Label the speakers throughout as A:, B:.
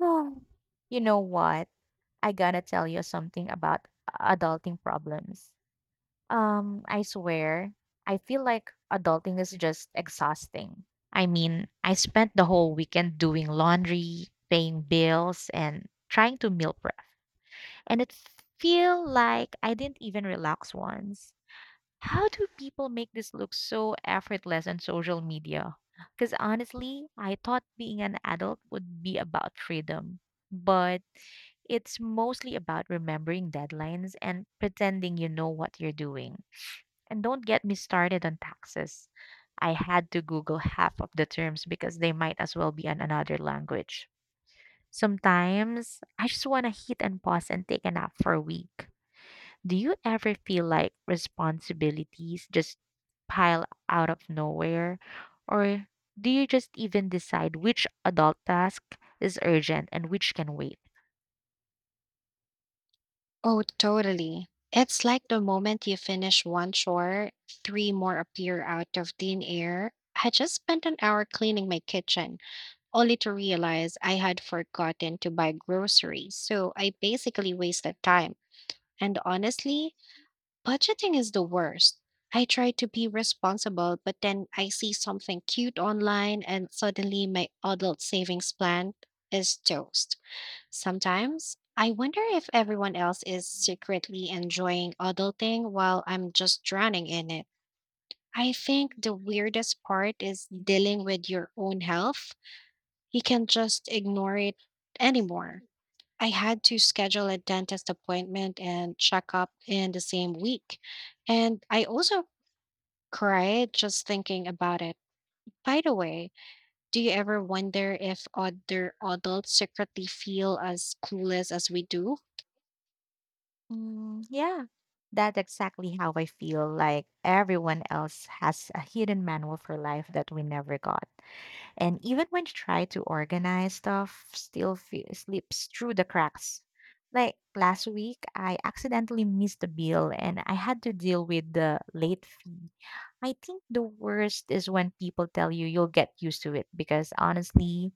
A: Oh, you know what? I gotta tell you something about adulting problems. I swear, I feel like adulting is just exhausting. I mean, I spent the whole weekend doing laundry, paying bills, and trying to meal prep. And it feel like I didn't even relax once. How do people make this look so effortless on social media? Because honestly, I thought being an adult would be about freedom, but it's mostly about remembering deadlines and pretending you know what you're doing. And don't get me started on taxes. I had to Google half of the terms because they might as well be in another language. Sometimes I just want to hit and pause and take a nap for a week. Do you ever feel like responsibilities just pile out of nowhere? Or do you just even decide which adult task is urgent and which can wait?
B: Oh, totally. It's like the moment you finish one chore, three more appear out of thin air. I just spent an hour cleaning my kitchen, only to realize I had forgotten to buy groceries. So I basically wasted time. And honestly, budgeting is the worst. I try to be responsible, but then I see something cute online, and suddenly my adult savings plan is toast. Sometimes I wonder if everyone else is secretly enjoying adulting while I'm just drowning in it. I think the weirdest part is dealing with your own health. You can just ignore it anymore. I had to schedule a dentist appointment and checkup in the same week. And I also cried just thinking about it. By the way, do you ever wonder if other adults secretly feel as clueless as we do?
A: Mm, yeah, that's exactly how I feel. Like everyone else has a hidden manual for life that we never got. And even when try to organize stuff, still slips through the cracks. Like last week, I accidentally missed a bill and I had to deal with the late fee. I think the worst is when people tell you you'll get used to it because honestly,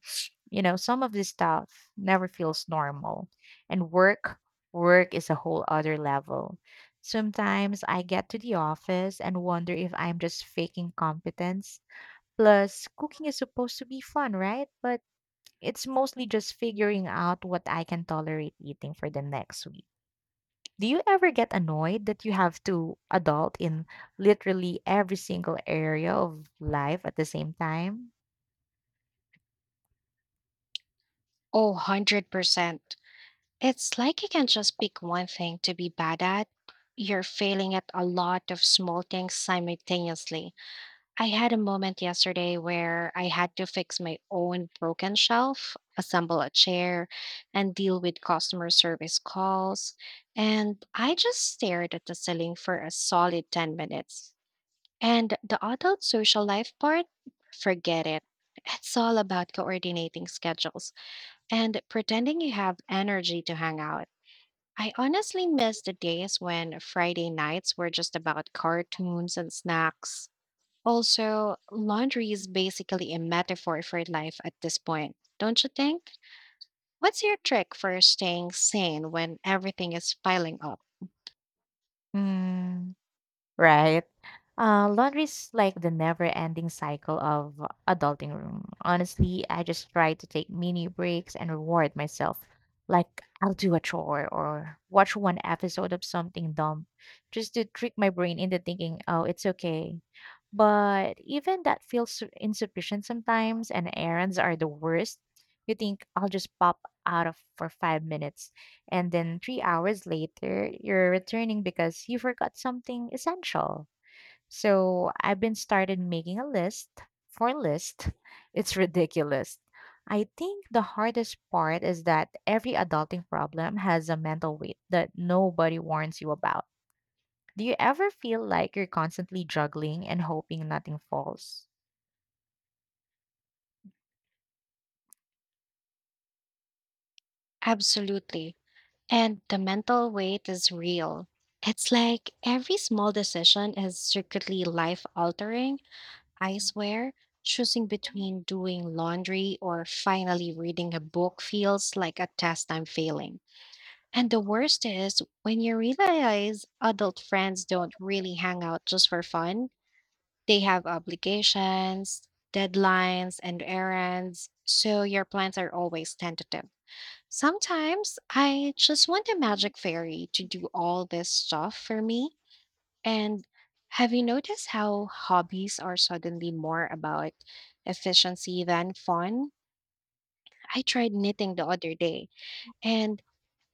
A: some of this stuff never feels normal. And work is a whole other level. Sometimes I get to the office and wonder if I'm just faking competence. Plus, cooking is supposed to be fun, right? But it's mostly just figuring out what I can tolerate eating for the next week. Do you ever get annoyed that you have to adult in literally every single area of life at the same time?
B: Oh, 100%. It's like you can just pick one thing to be bad at. You're failing at a lot of small things simultaneously. I had a moment yesterday where I had to fix my own broken shelf, assemble a chair, and deal with customer service calls. And I just stared at the ceiling for a solid 10 minutes. And the adult social life part, forget it. It's all about coordinating schedules and pretending you have energy to hang out. I honestly miss the days when Friday nights were just about cartoons and snacks. Also, laundry is basically a metaphor for life at this point, don't you think? What's your trick for staying sane when everything is piling up?
A: Mm. Right. Laundry's like the never-ending cycle of adulting room. Honestly, I just try to take mini breaks and reward myself. Like I'll do a chore or watch one episode of something dumb, just to trick my brain into thinking, "Oh, it's okay." But even that feels insufficient sometimes, and errands are the worst. You think I'll just pop out of for 5 minutes and then 3 hours later, you're returning because you forgot something essential. So I've been started making a list for list. It's ridiculous. I think the hardest part is that every adulting problem has a mental weight that nobody warns you about. Do you ever feel like you're constantly juggling and hoping nothing falls?
B: Absolutely. And the mental weight is real. It's like every small decision is secretly life altering. I swear, choosing between doing laundry or finally reading a book feels like a test I'm failing. And the worst is when you realize adult friends don't really hang out just for fun, they have obligations, deadlines, and errands, so your plans are always tentative. Sometimes I just want a magic fairy to do all this stuff for me, and have you noticed how hobbies are suddenly more about efficiency than fun? I tried knitting the other day, and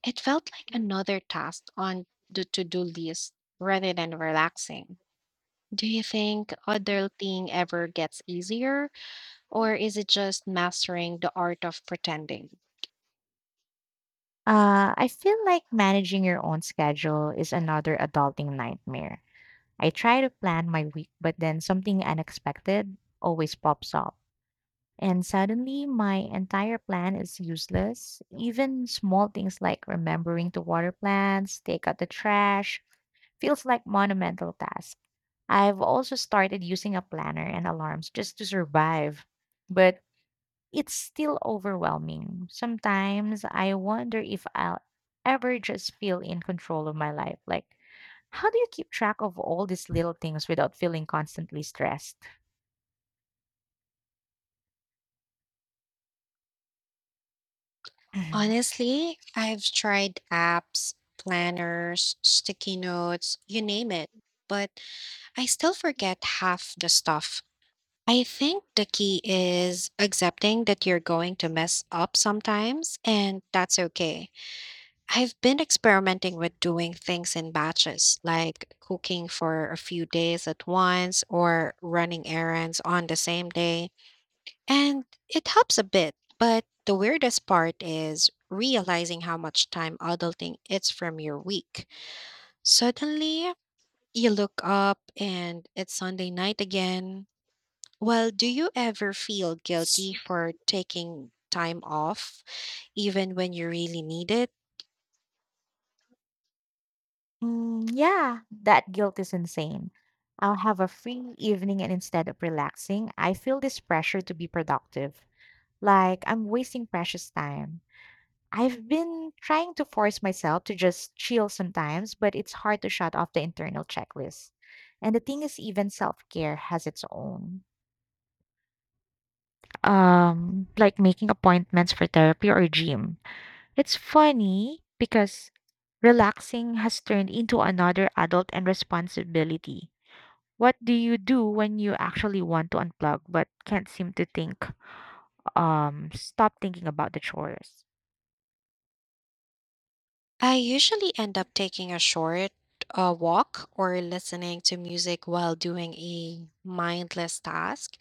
B: it felt like another task on the to do list rather than relaxing. Do you think adulting ever gets easier, or is it just mastering the art of pretending?
A: I feel like managing your own schedule is another adulting nightmare. I try to plan my week, but then something unexpected always pops up. And suddenly, my entire plan is useless. Even small things like remembering to water plants, take out the trash, feels like monumental task. I've also started using a planner and alarms just to survive, but it's still overwhelming. Sometimes I wonder if I'll ever just feel in control of my life. Like, how do you keep track of all these little things without feeling constantly stressed?
B: Honestly, I've tried apps, planners, sticky notes, you name it, but I still forget half the stuff. I think the key is accepting that you're going to mess up sometimes, and that's okay. I've been experimenting with doing things in batches, like cooking for a few days at once or running errands on the same day, and it helps a bit. But the weirdest part is realizing how much time adulting it's from your week. Suddenly, you look up and it's Sunday night again. Well, do you ever feel guilty for taking time off even when you really need it?
A: Mm, yeah, that guilt is insane. I'll have a free evening, and instead of relaxing, I feel this pressure to be productive. Like I'm wasting precious time. I've been trying to force myself to just chill sometimes, but it's hard to shut off the internal checklist. And the thing is, even self care has its own, like making appointments for therapy or gym. It's funny because relaxing has turned into another adult and responsibility. What do you do when you actually want to unplug but can't seem to think, stop thinking about the chores?
B: I usually end up taking a short walk or listening to music while doing a mindless task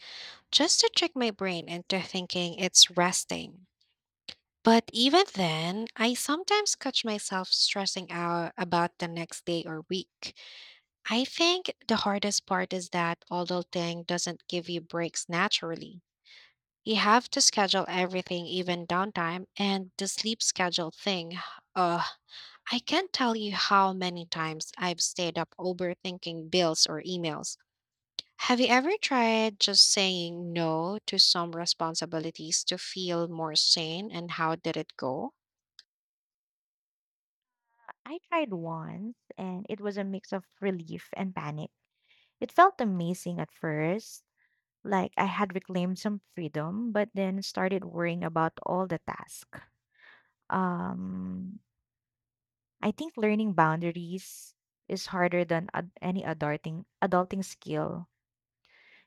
B: just to trick my brain into thinking it's resting. But even then, I sometimes catch myself stressing out about the next day or week. I think the hardest part is that although thing doesn't give you breaks naturally. You have to schedule everything, even downtime, and the sleep schedule thing. Uh, I can't tell you how many times I've stayed up overthinking bills or emails. Have you ever tried just saying no to some responsibilities to feel more sane, and how did it go?
A: I tried once and it was a mix of relief and panic. It felt amazing at first, like I had reclaimed some freedom, but then started worrying about all the tasks. Um I think learning boundaries is harder than any adulting skill.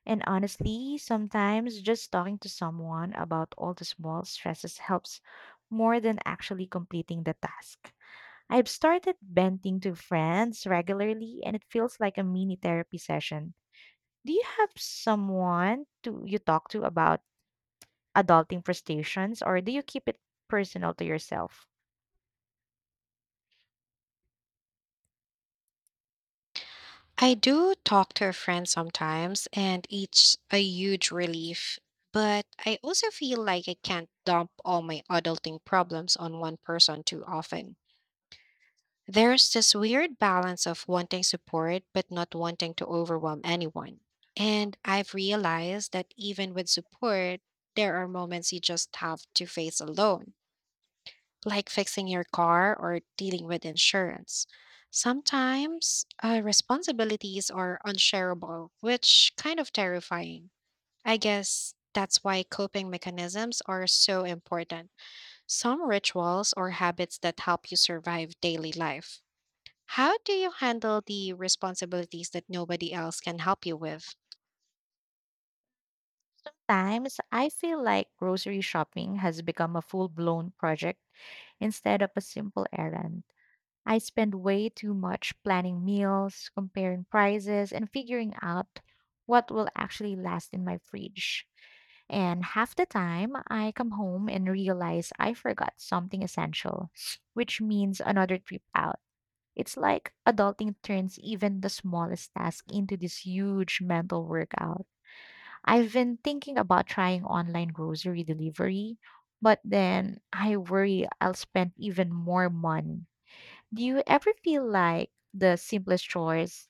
A: And honestly, sometimes just talking to someone about all the small stresses helps more than actually completing the task. I've started venting to friends regularly and it feels like a mini therapy session. Do you have someone to you talk to about adulting frustrations or do you keep it personal to yourself?
B: I do talk to a friend sometimes, and it's a huge relief. But I also feel like I can't dump all my adulting problems on one person too often. There's this weird balance of wanting support but not wanting to overwhelm anyone. And I've realized that even with support, there are moments you just have to face alone, like fixing your car or dealing with insurance. Sometimes responsibilities are unshareable, which kind of terrifying. I guess that's why coping mechanisms are so important. Some rituals or habits that help you survive daily life. How do you handle the responsibilities that nobody else can help you with?
A: Times, I feel like grocery shopping has become a full blown project instead of a simple errand. I spend way too much planning meals, comparing prices, and figuring out what will actually last in my fridge. And half the time, I come home and realize I forgot something essential, which means another trip out. It's like adulting turns even the smallest task into this huge mental workout. I've been thinking about trying online grocery delivery, but then I worry I'll spend even more money. Do you ever feel like the simplest chores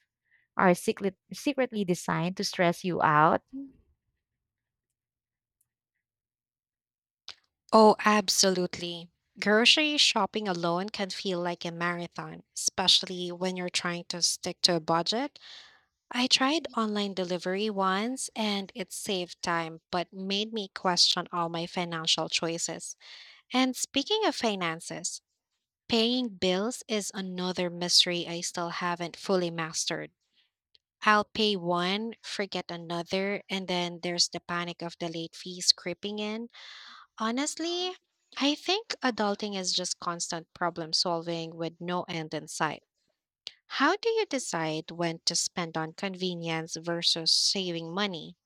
A: are secretly designed to stress you out?
B: Oh, absolutely. Grocery shopping alone can feel like a marathon, especially when you're trying to stick to a budget. I tried online delivery once, and it saved time, but made me question all my financial choices. And speaking of finances, paying bills is another mystery I still haven't fully mastered. I'll pay one, forget another, and then there's the panic of the late fees creeping in. Honestly, I think adulting is just constant problem solving with no end in sight. How do you decide when to spend on convenience versus saving money?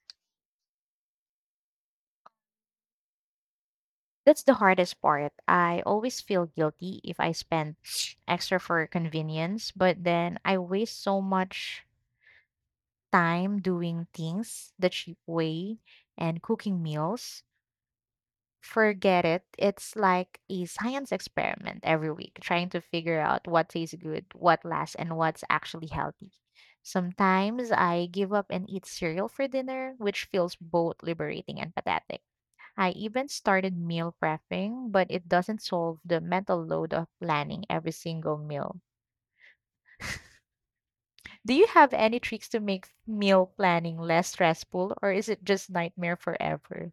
A: That's the hardest part. I always feel guilty if I spend extra for convenience, but then I waste so much time doing things the cheap way and cooking meals. Forget it. It's like a science experiment every week, trying to figure out what tastes good, what lasts, and what's actually healthy. Sometimes I give up and eat cereal for dinner, which feels both liberating and pathetic. I even started meal prepping, but it doesn't solve the mental load of planning every single meal. Do you have any tricks to make meal planning less stressful, or is it just nightmare forever?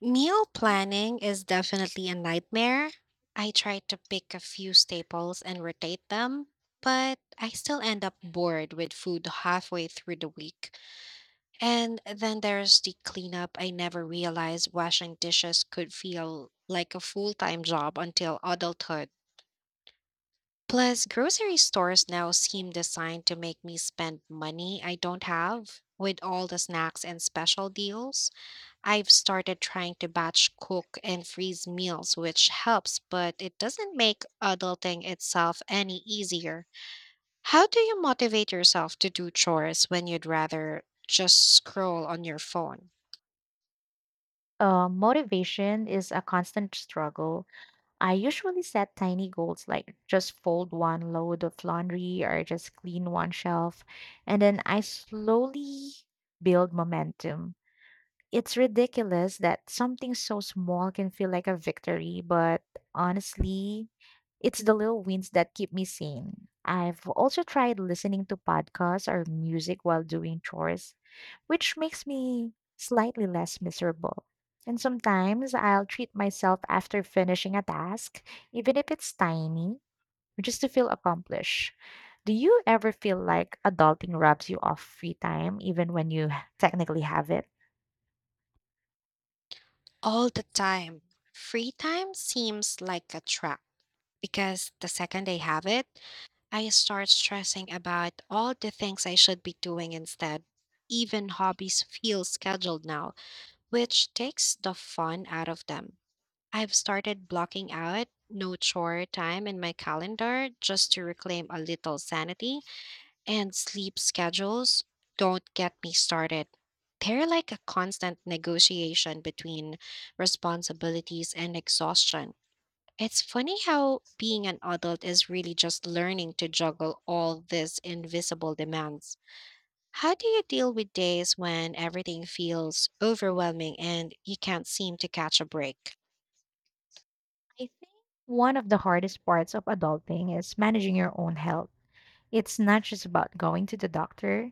B: Meal planning is definitely a nightmare. I try to pick a few staples and rotate them, but I still end up bored with food halfway through the week. And then there's the cleanup. I never realized washing dishes could feel like a full time job until adulthood. Plus, grocery stores now seem designed to make me spend money I don't have with all the snacks and special deals. I've started trying to batch cook and freeze meals, which helps, but it doesn't make adulting itself any easier. How do you motivate yourself to do chores when you'd rather just scroll on your phone?
A: Motivation is a constant struggle. I usually set tiny goals like just fold one load of laundry or just clean one shelf. And then I slowly build momentum. It's ridiculous that something so small can feel like a victory, but honestly, it's the little wins that keep me sane. I've also tried listening to podcasts or music while doing chores, which makes me slightly less miserable. And sometimes I'll treat myself after finishing a task, even if it's tiny, just to feel accomplished. Do you ever feel like adulting robs you of free time, even when you technically have it?
B: All the time. Free time seems like a trap because the second I have it, I start stressing about all the things I should be doing instead. Even hobbies feel scheduled now, which takes the fun out of them. I've started blocking out no chore time in my calendar just to reclaim a little sanity. And sleep schedules, don't get me started. They're like a constant negotiation between responsibilities and exhaustion. It's funny how being an adult is really just learning to juggle all these invisible demands. How do you deal with days when everything feels overwhelming and you can't seem to catch a break?
A: I think one of the hardest parts of adulting is managing your own health. It's not just about going to the doctor,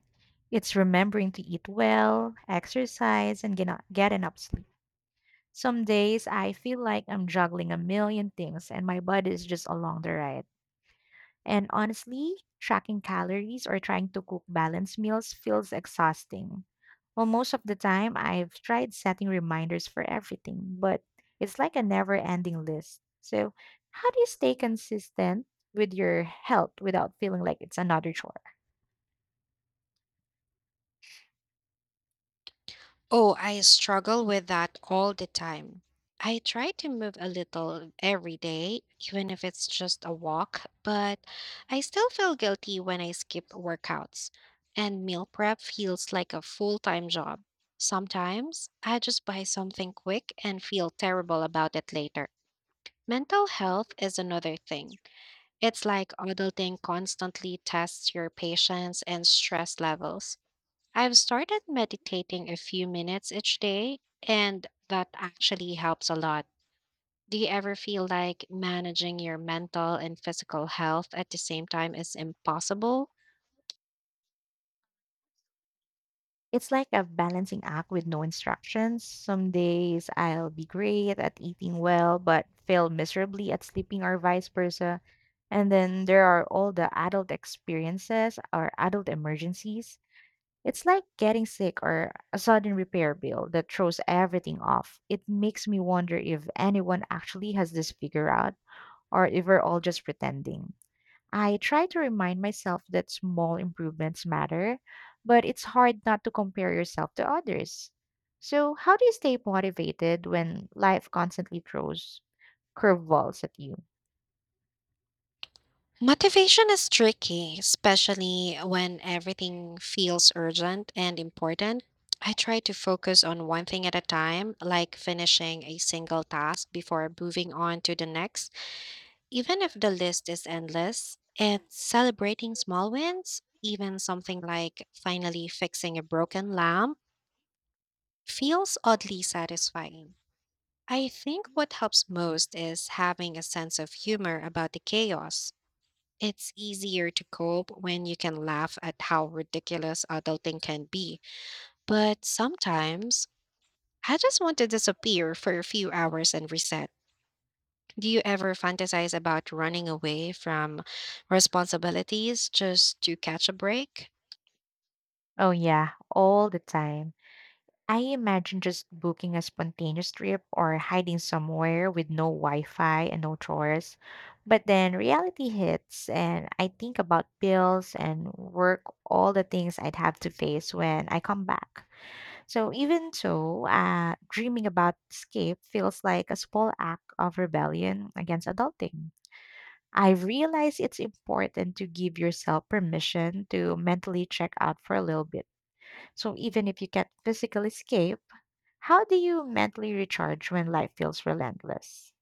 A: it's remembering to eat well, exercise, and get enough sleep. Some days I feel like I'm juggling a million things and my body is just along the ride. And honestly, tracking calories or trying to cook balanced meals feels exhausting. Well, most of the time, I've tried setting reminders for everything, but it's like a never ending list. So, how do you stay consistent with your health without feeling like it's another chore?
B: Oh, I struggle with that all the time. I try to move a little every day, even if it's just a walk, but I still feel guilty when I skip workouts. And meal prep feels like a full time job. Sometimes I just buy something quick and feel terrible about it later. Mental health is another thing. It's like adulting constantly tests your patience and stress levels. I've started meditating a few minutes each day, and that actually helps a lot. Do you ever feel like managing your mental and physical health at the same time is impossible?
A: It's like a balancing act with no instructions. Some days I'll be great at eating well, but fail miserably at sleeping, or vice versa. And then there are all the adult experiences or adult emergencies. It's like getting sick or a sudden repair bill that throws everything off. It makes me wonder if anyone actually has this figured out or if we're all just pretending. I try to remind myself that small improvements matter, but it's hard not to compare yourself to others. So, how do you stay motivated when life constantly throws curveballs at you?
B: Motivation is tricky, especially when everything feels urgent and important. I try to focus on one thing at a time, like finishing a single task before moving on to the next. Even if the list is endless, it's celebrating small wins, even something like finally fixing a broken lamp, feels oddly satisfying. I think what helps most is having a sense of humor about the chaos. It's easier to cope when you can laugh at how ridiculous adulting can be, but sometimes I just want to disappear for a few hours and reset. Do you ever fantasize about running away from responsibilities just to catch a break?
A: Oh, yeah, all the time. I imagine just booking a spontaneous trip or hiding somewhere with no Wi Fi and no chores. But then reality hits, and I think about bills and work, all the things I'd have to face when I come back. So even so, dreaming about escape feels like a small act of rebellion against adulting. I realize it's important to give yourself permission to mentally check out for a little bit. So even if you can't physically escape, how do you mentally recharge when life feels relentless?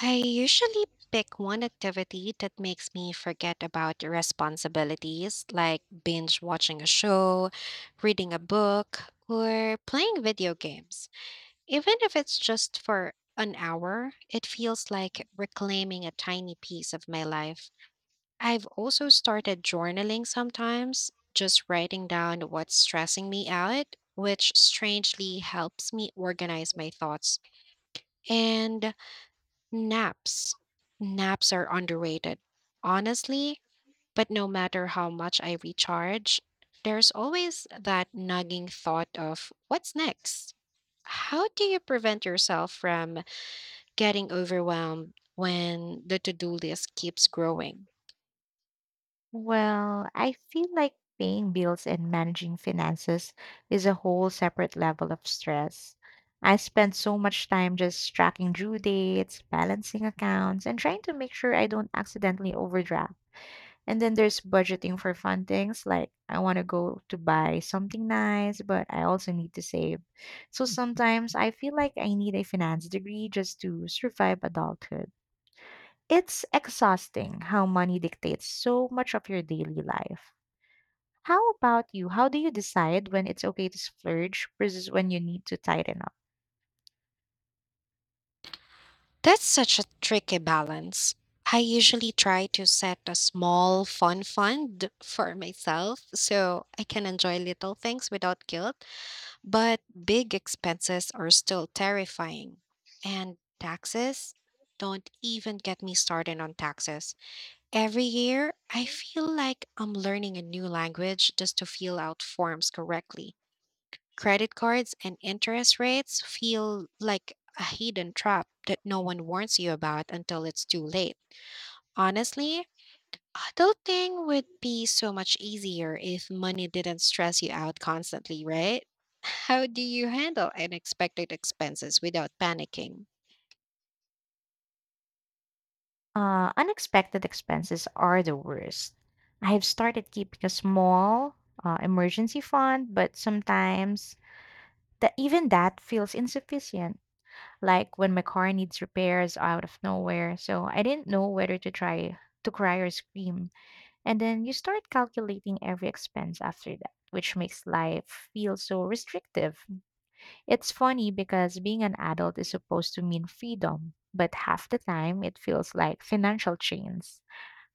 B: I usually pick one activity that makes me forget about responsibilities, like binge watching a show, reading a book, or playing video games. Even if it's just for an hour, it feels like reclaiming a tiny piece of my life. I've also started journaling sometimes, just writing down what's stressing me out, which strangely helps me organize my thoughts. And naps. Naps are underrated, honestly, but no matter how much I recharge, there's always that nagging thought of what's next? How do you prevent yourself from getting overwhelmed when the to do list keeps growing?
A: Well, I feel like paying bills and managing finances is a whole separate level of stress. I spend so much time just tracking due dates, balancing accounts, and trying to make sure I don't accidentally overdraft. And then there's budgeting for fun things like I want to go to buy something nice, but I also need to save. So sometimes I feel like I need a finance degree just to survive adulthood. It's exhausting how money dictates so much of your daily life. How about you? How do you decide when it's okay to splurge versus when you need to tighten up?
B: That's such a tricky balance. I usually try to set a small fun fund for myself so I can enjoy little things without guilt, but big expenses are still terrifying. And taxes? Don't even get me started on taxes. Every year, I feel like I'm learning a new language just to fill out forms correctly. Credit cards and interest rates feel like a hidden trap that no one warns you about until it's too late. Honestly, adulting would be so much easier if money didn't stress you out constantly, right? How do you handle unexpected expenses without panicking?
A: Unexpected expenses are the worst. I have started keeping a small emergency fund, but sometimes that even that feels insufficient. Like when my car needs repairs out of nowhere, so I didn't know whether to try to cry or scream. And then you start calculating every expense after that, which makes life feel so restrictive. It's funny because being an adult is supposed to mean freedom, but half the time it feels like financial chains.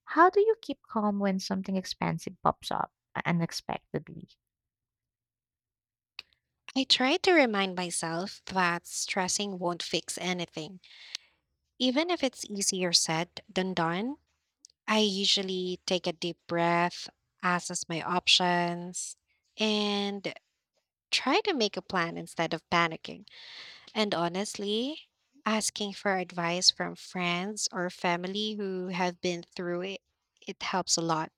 A: How do you keep calm when something expensive pops up unexpectedly?
B: I try to remind myself that stressing won't fix anything, even if it's easier said than done. I usually take a deep breath, assess my options, and try to make a plan instead of panicking. And honestly, asking for advice from friends or family who have been through it, it helps a lot.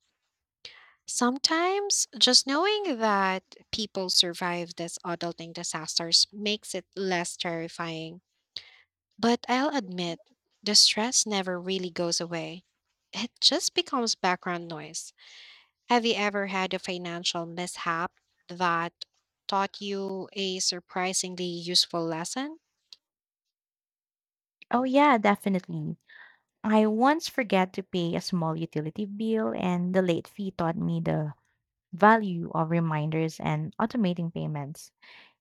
B: Sometimes just knowing that people survive these adulting disasters makes it less terrifying. But I'll admit, the stress never really goes away. It just becomes background noise. Have you ever had a financial mishap that taught you a surprisingly useful lesson?
A: Oh, yeah, definitely. I once forget to pay a small utility bill, and the late fee taught me the value of reminders and automating payments.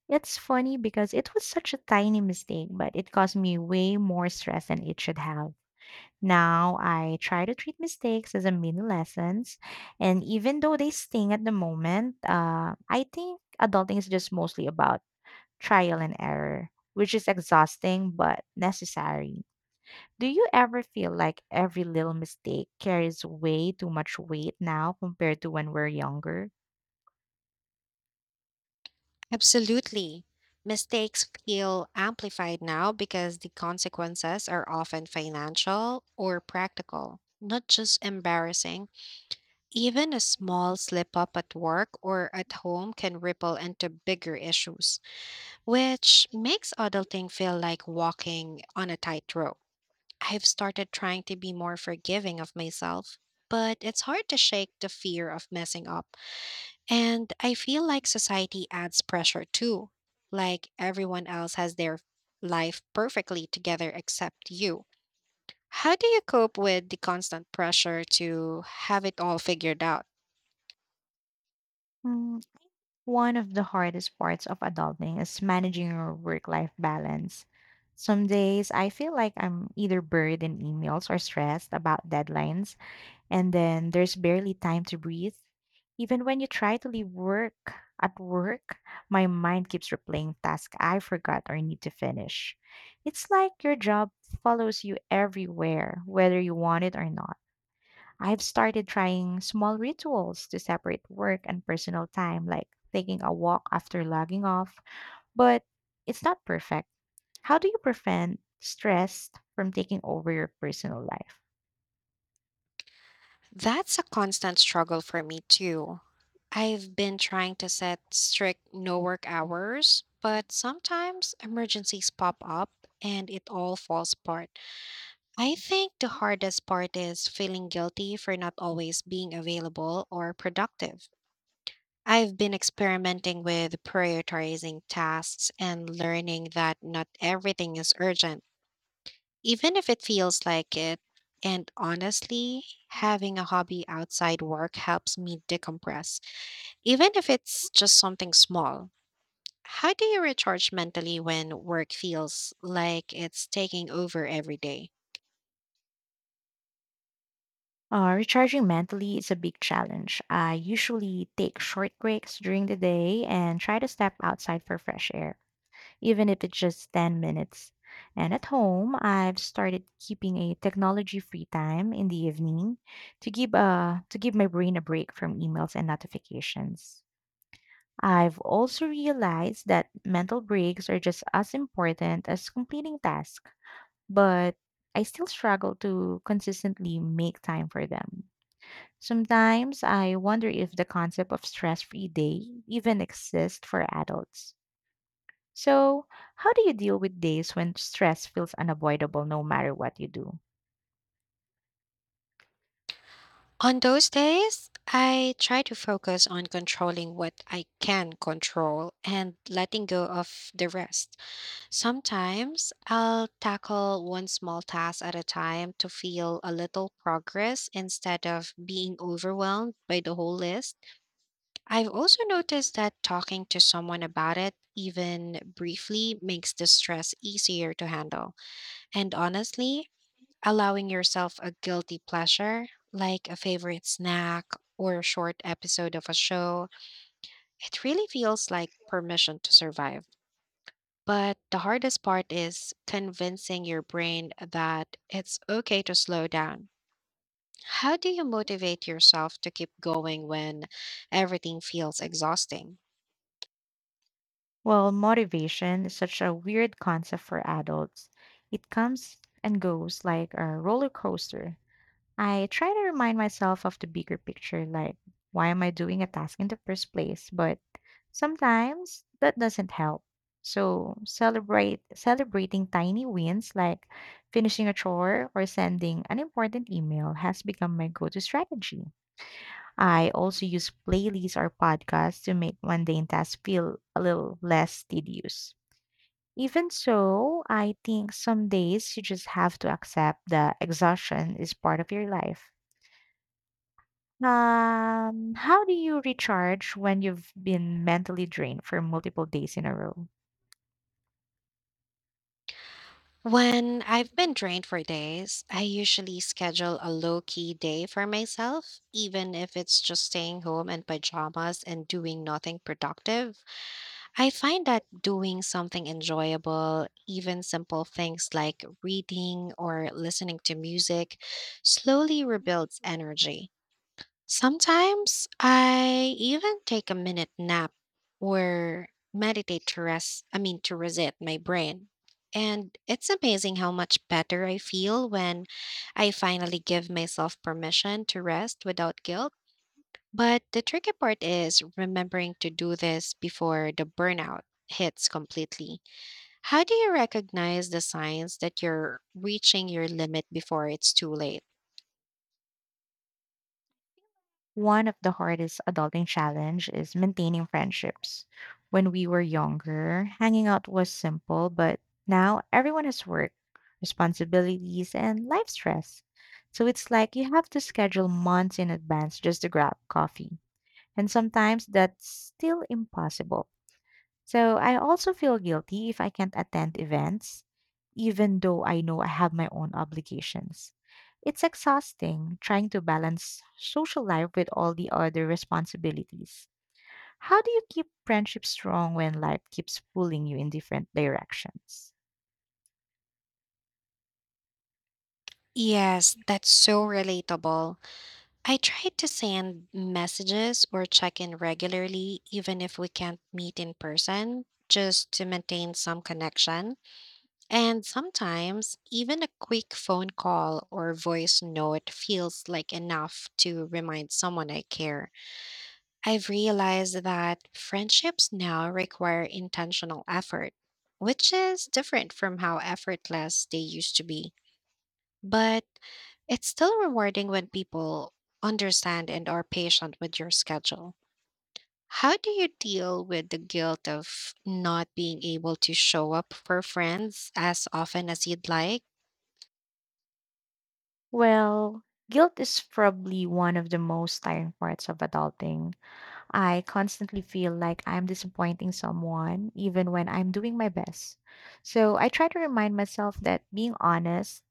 A: It's funny because it was such a tiny mistake, but it caused me way more stress than it should have. Now I try to treat mistakes as a mini lessons, and even though they sting at the moment, I think adulting is just mostly about trial and error, which is exhausting but necessary. Do you ever feel like every little mistake carries way too much weight now compared to when we're younger?
B: Absolutely. Mistakes feel amplified now because the consequences are often financial or practical, not just embarrassing. Even a small slip up at work or at home can ripple into bigger issues, which makes adulting feel like walking on a tightrope. I've started trying to be more forgiving of myself, but it's hard to shake the fear of messing up. And I feel like society adds pressure too, like everyone else has their life perfectly together except you. How do you cope with the constant pressure to have it all figured out?
A: One of the hardest parts of adulting is managing your work life balance. Some days I feel like I'm either buried in emails or stressed about deadlines, and then there's barely time to breathe. Even when you try to leave work at work, my mind keeps replaying tasks I forgot or need to finish. It's like your job follows you everywhere, whether you want it or not. I've started trying small rituals to separate work and personal time, like taking a walk after logging off, but it's not perfect. How do you prevent stress from taking over your personal life?
B: That's a constant struggle for me too. I've been trying to set strict no work hours, but sometimes emergencies pop up and it all falls apart. I think the hardest part is feeling guilty for not always being available or productive. I've been experimenting with prioritizing tasks and learning that not everything is urgent, even if it feels like it. And honestly, having a hobby outside work helps me decompress, even if it's just something small. How do you recharge mentally when work feels like it's taking over every day?
A: Recharging mentally is a big challenge. I usually take short breaks during the day and try to step outside for fresh air, even if it's just 10 minutes. And at home, I've started keeping a technology-free time in the evening to give my brain a break from emails and notifications. I've also realized that mental breaks are just as important as completing tasks, but I still struggle to consistently make time for them. Sometimes I wonder if the concept of stress free day even exists for adults. So, how do you deal with days when stress feels unavoidable no matter what you do?
B: On those days, I try to focus on controlling what I can control and letting go of the rest. Sometimes I'll tackle one small task at a time to feel a little progress instead of being overwhelmed by the whole list. I've also noticed that talking to someone about it, even briefly, makes the stress easier to handle. And honestly, allowing yourself a guilty pleasure, like a favorite snack or a short episode of a show, it really feels like permission to survive. But the hardest part is convincing your brain that it's okay to slow down. How do you motivate yourself to keep going when everything feels exhausting?
A: Well, motivation is such a weird concept for adults. It comes and goes like a roller coaster. I try to remind myself of the bigger picture, like, why am I doing a task in the first place? But sometimes that doesn't help. So, celebrate celebrating tiny wins like finishing a chore or sending an important email has become my go-to strategy. I also use playlists or podcasts to make mundane tasks feel a little less tedious. Even so, I think some days you just have to accept that exhaustion is part of your life. How do you recharge when you've been mentally drained for multiple days in a row?
B: When I've been drained for days, I usually schedule a low key day for myself, even if it's just staying home in pajamas and doing nothing productive. I find that doing something enjoyable, even simple things like reading or listening to music, slowly rebuilds energy. Sometimes I even take a minute nap or meditate to rest, I mean, to reset my brain. And it's amazing how much better I feel when I finally give myself permission to rest without guilt. But the tricky part is remembering to do this before the burnout hits completely. How do you recognize the signs that you're reaching your limit before it's too late?
A: One of the hardest adulting challenge is maintaining friendships. When we were younger, hanging out was simple, but now everyone has work, responsibilities, and life stress. So it's like you have to schedule months in advance just to grab coffee. And sometimes that's still impossible. So I also feel guilty if I can't attend events, even though I know I have my own obligations. It's exhausting trying to balance social life with all the other responsibilities. How do you keep friendships strong when life keeps pulling you in different directions?
B: Yes, that's so relatable. I try to send messages or check in regularly, even if we can't meet in person, just to maintain some connection. And sometimes, even a quick phone call or voice note feels like enough to remind someone I care. I've realized that friendships now require intentional effort, which is different from how effortless they used to be. But it's still rewarding when people understand and are patient with your schedule. How do you deal with the guilt of not being able to show up for friends as often as you'd like?
A: Well, guilt is probably one of the most tiring parts of adulting. I constantly feel like I'm disappointing someone, even when I'm doing my best. So I try to remind myself that being honest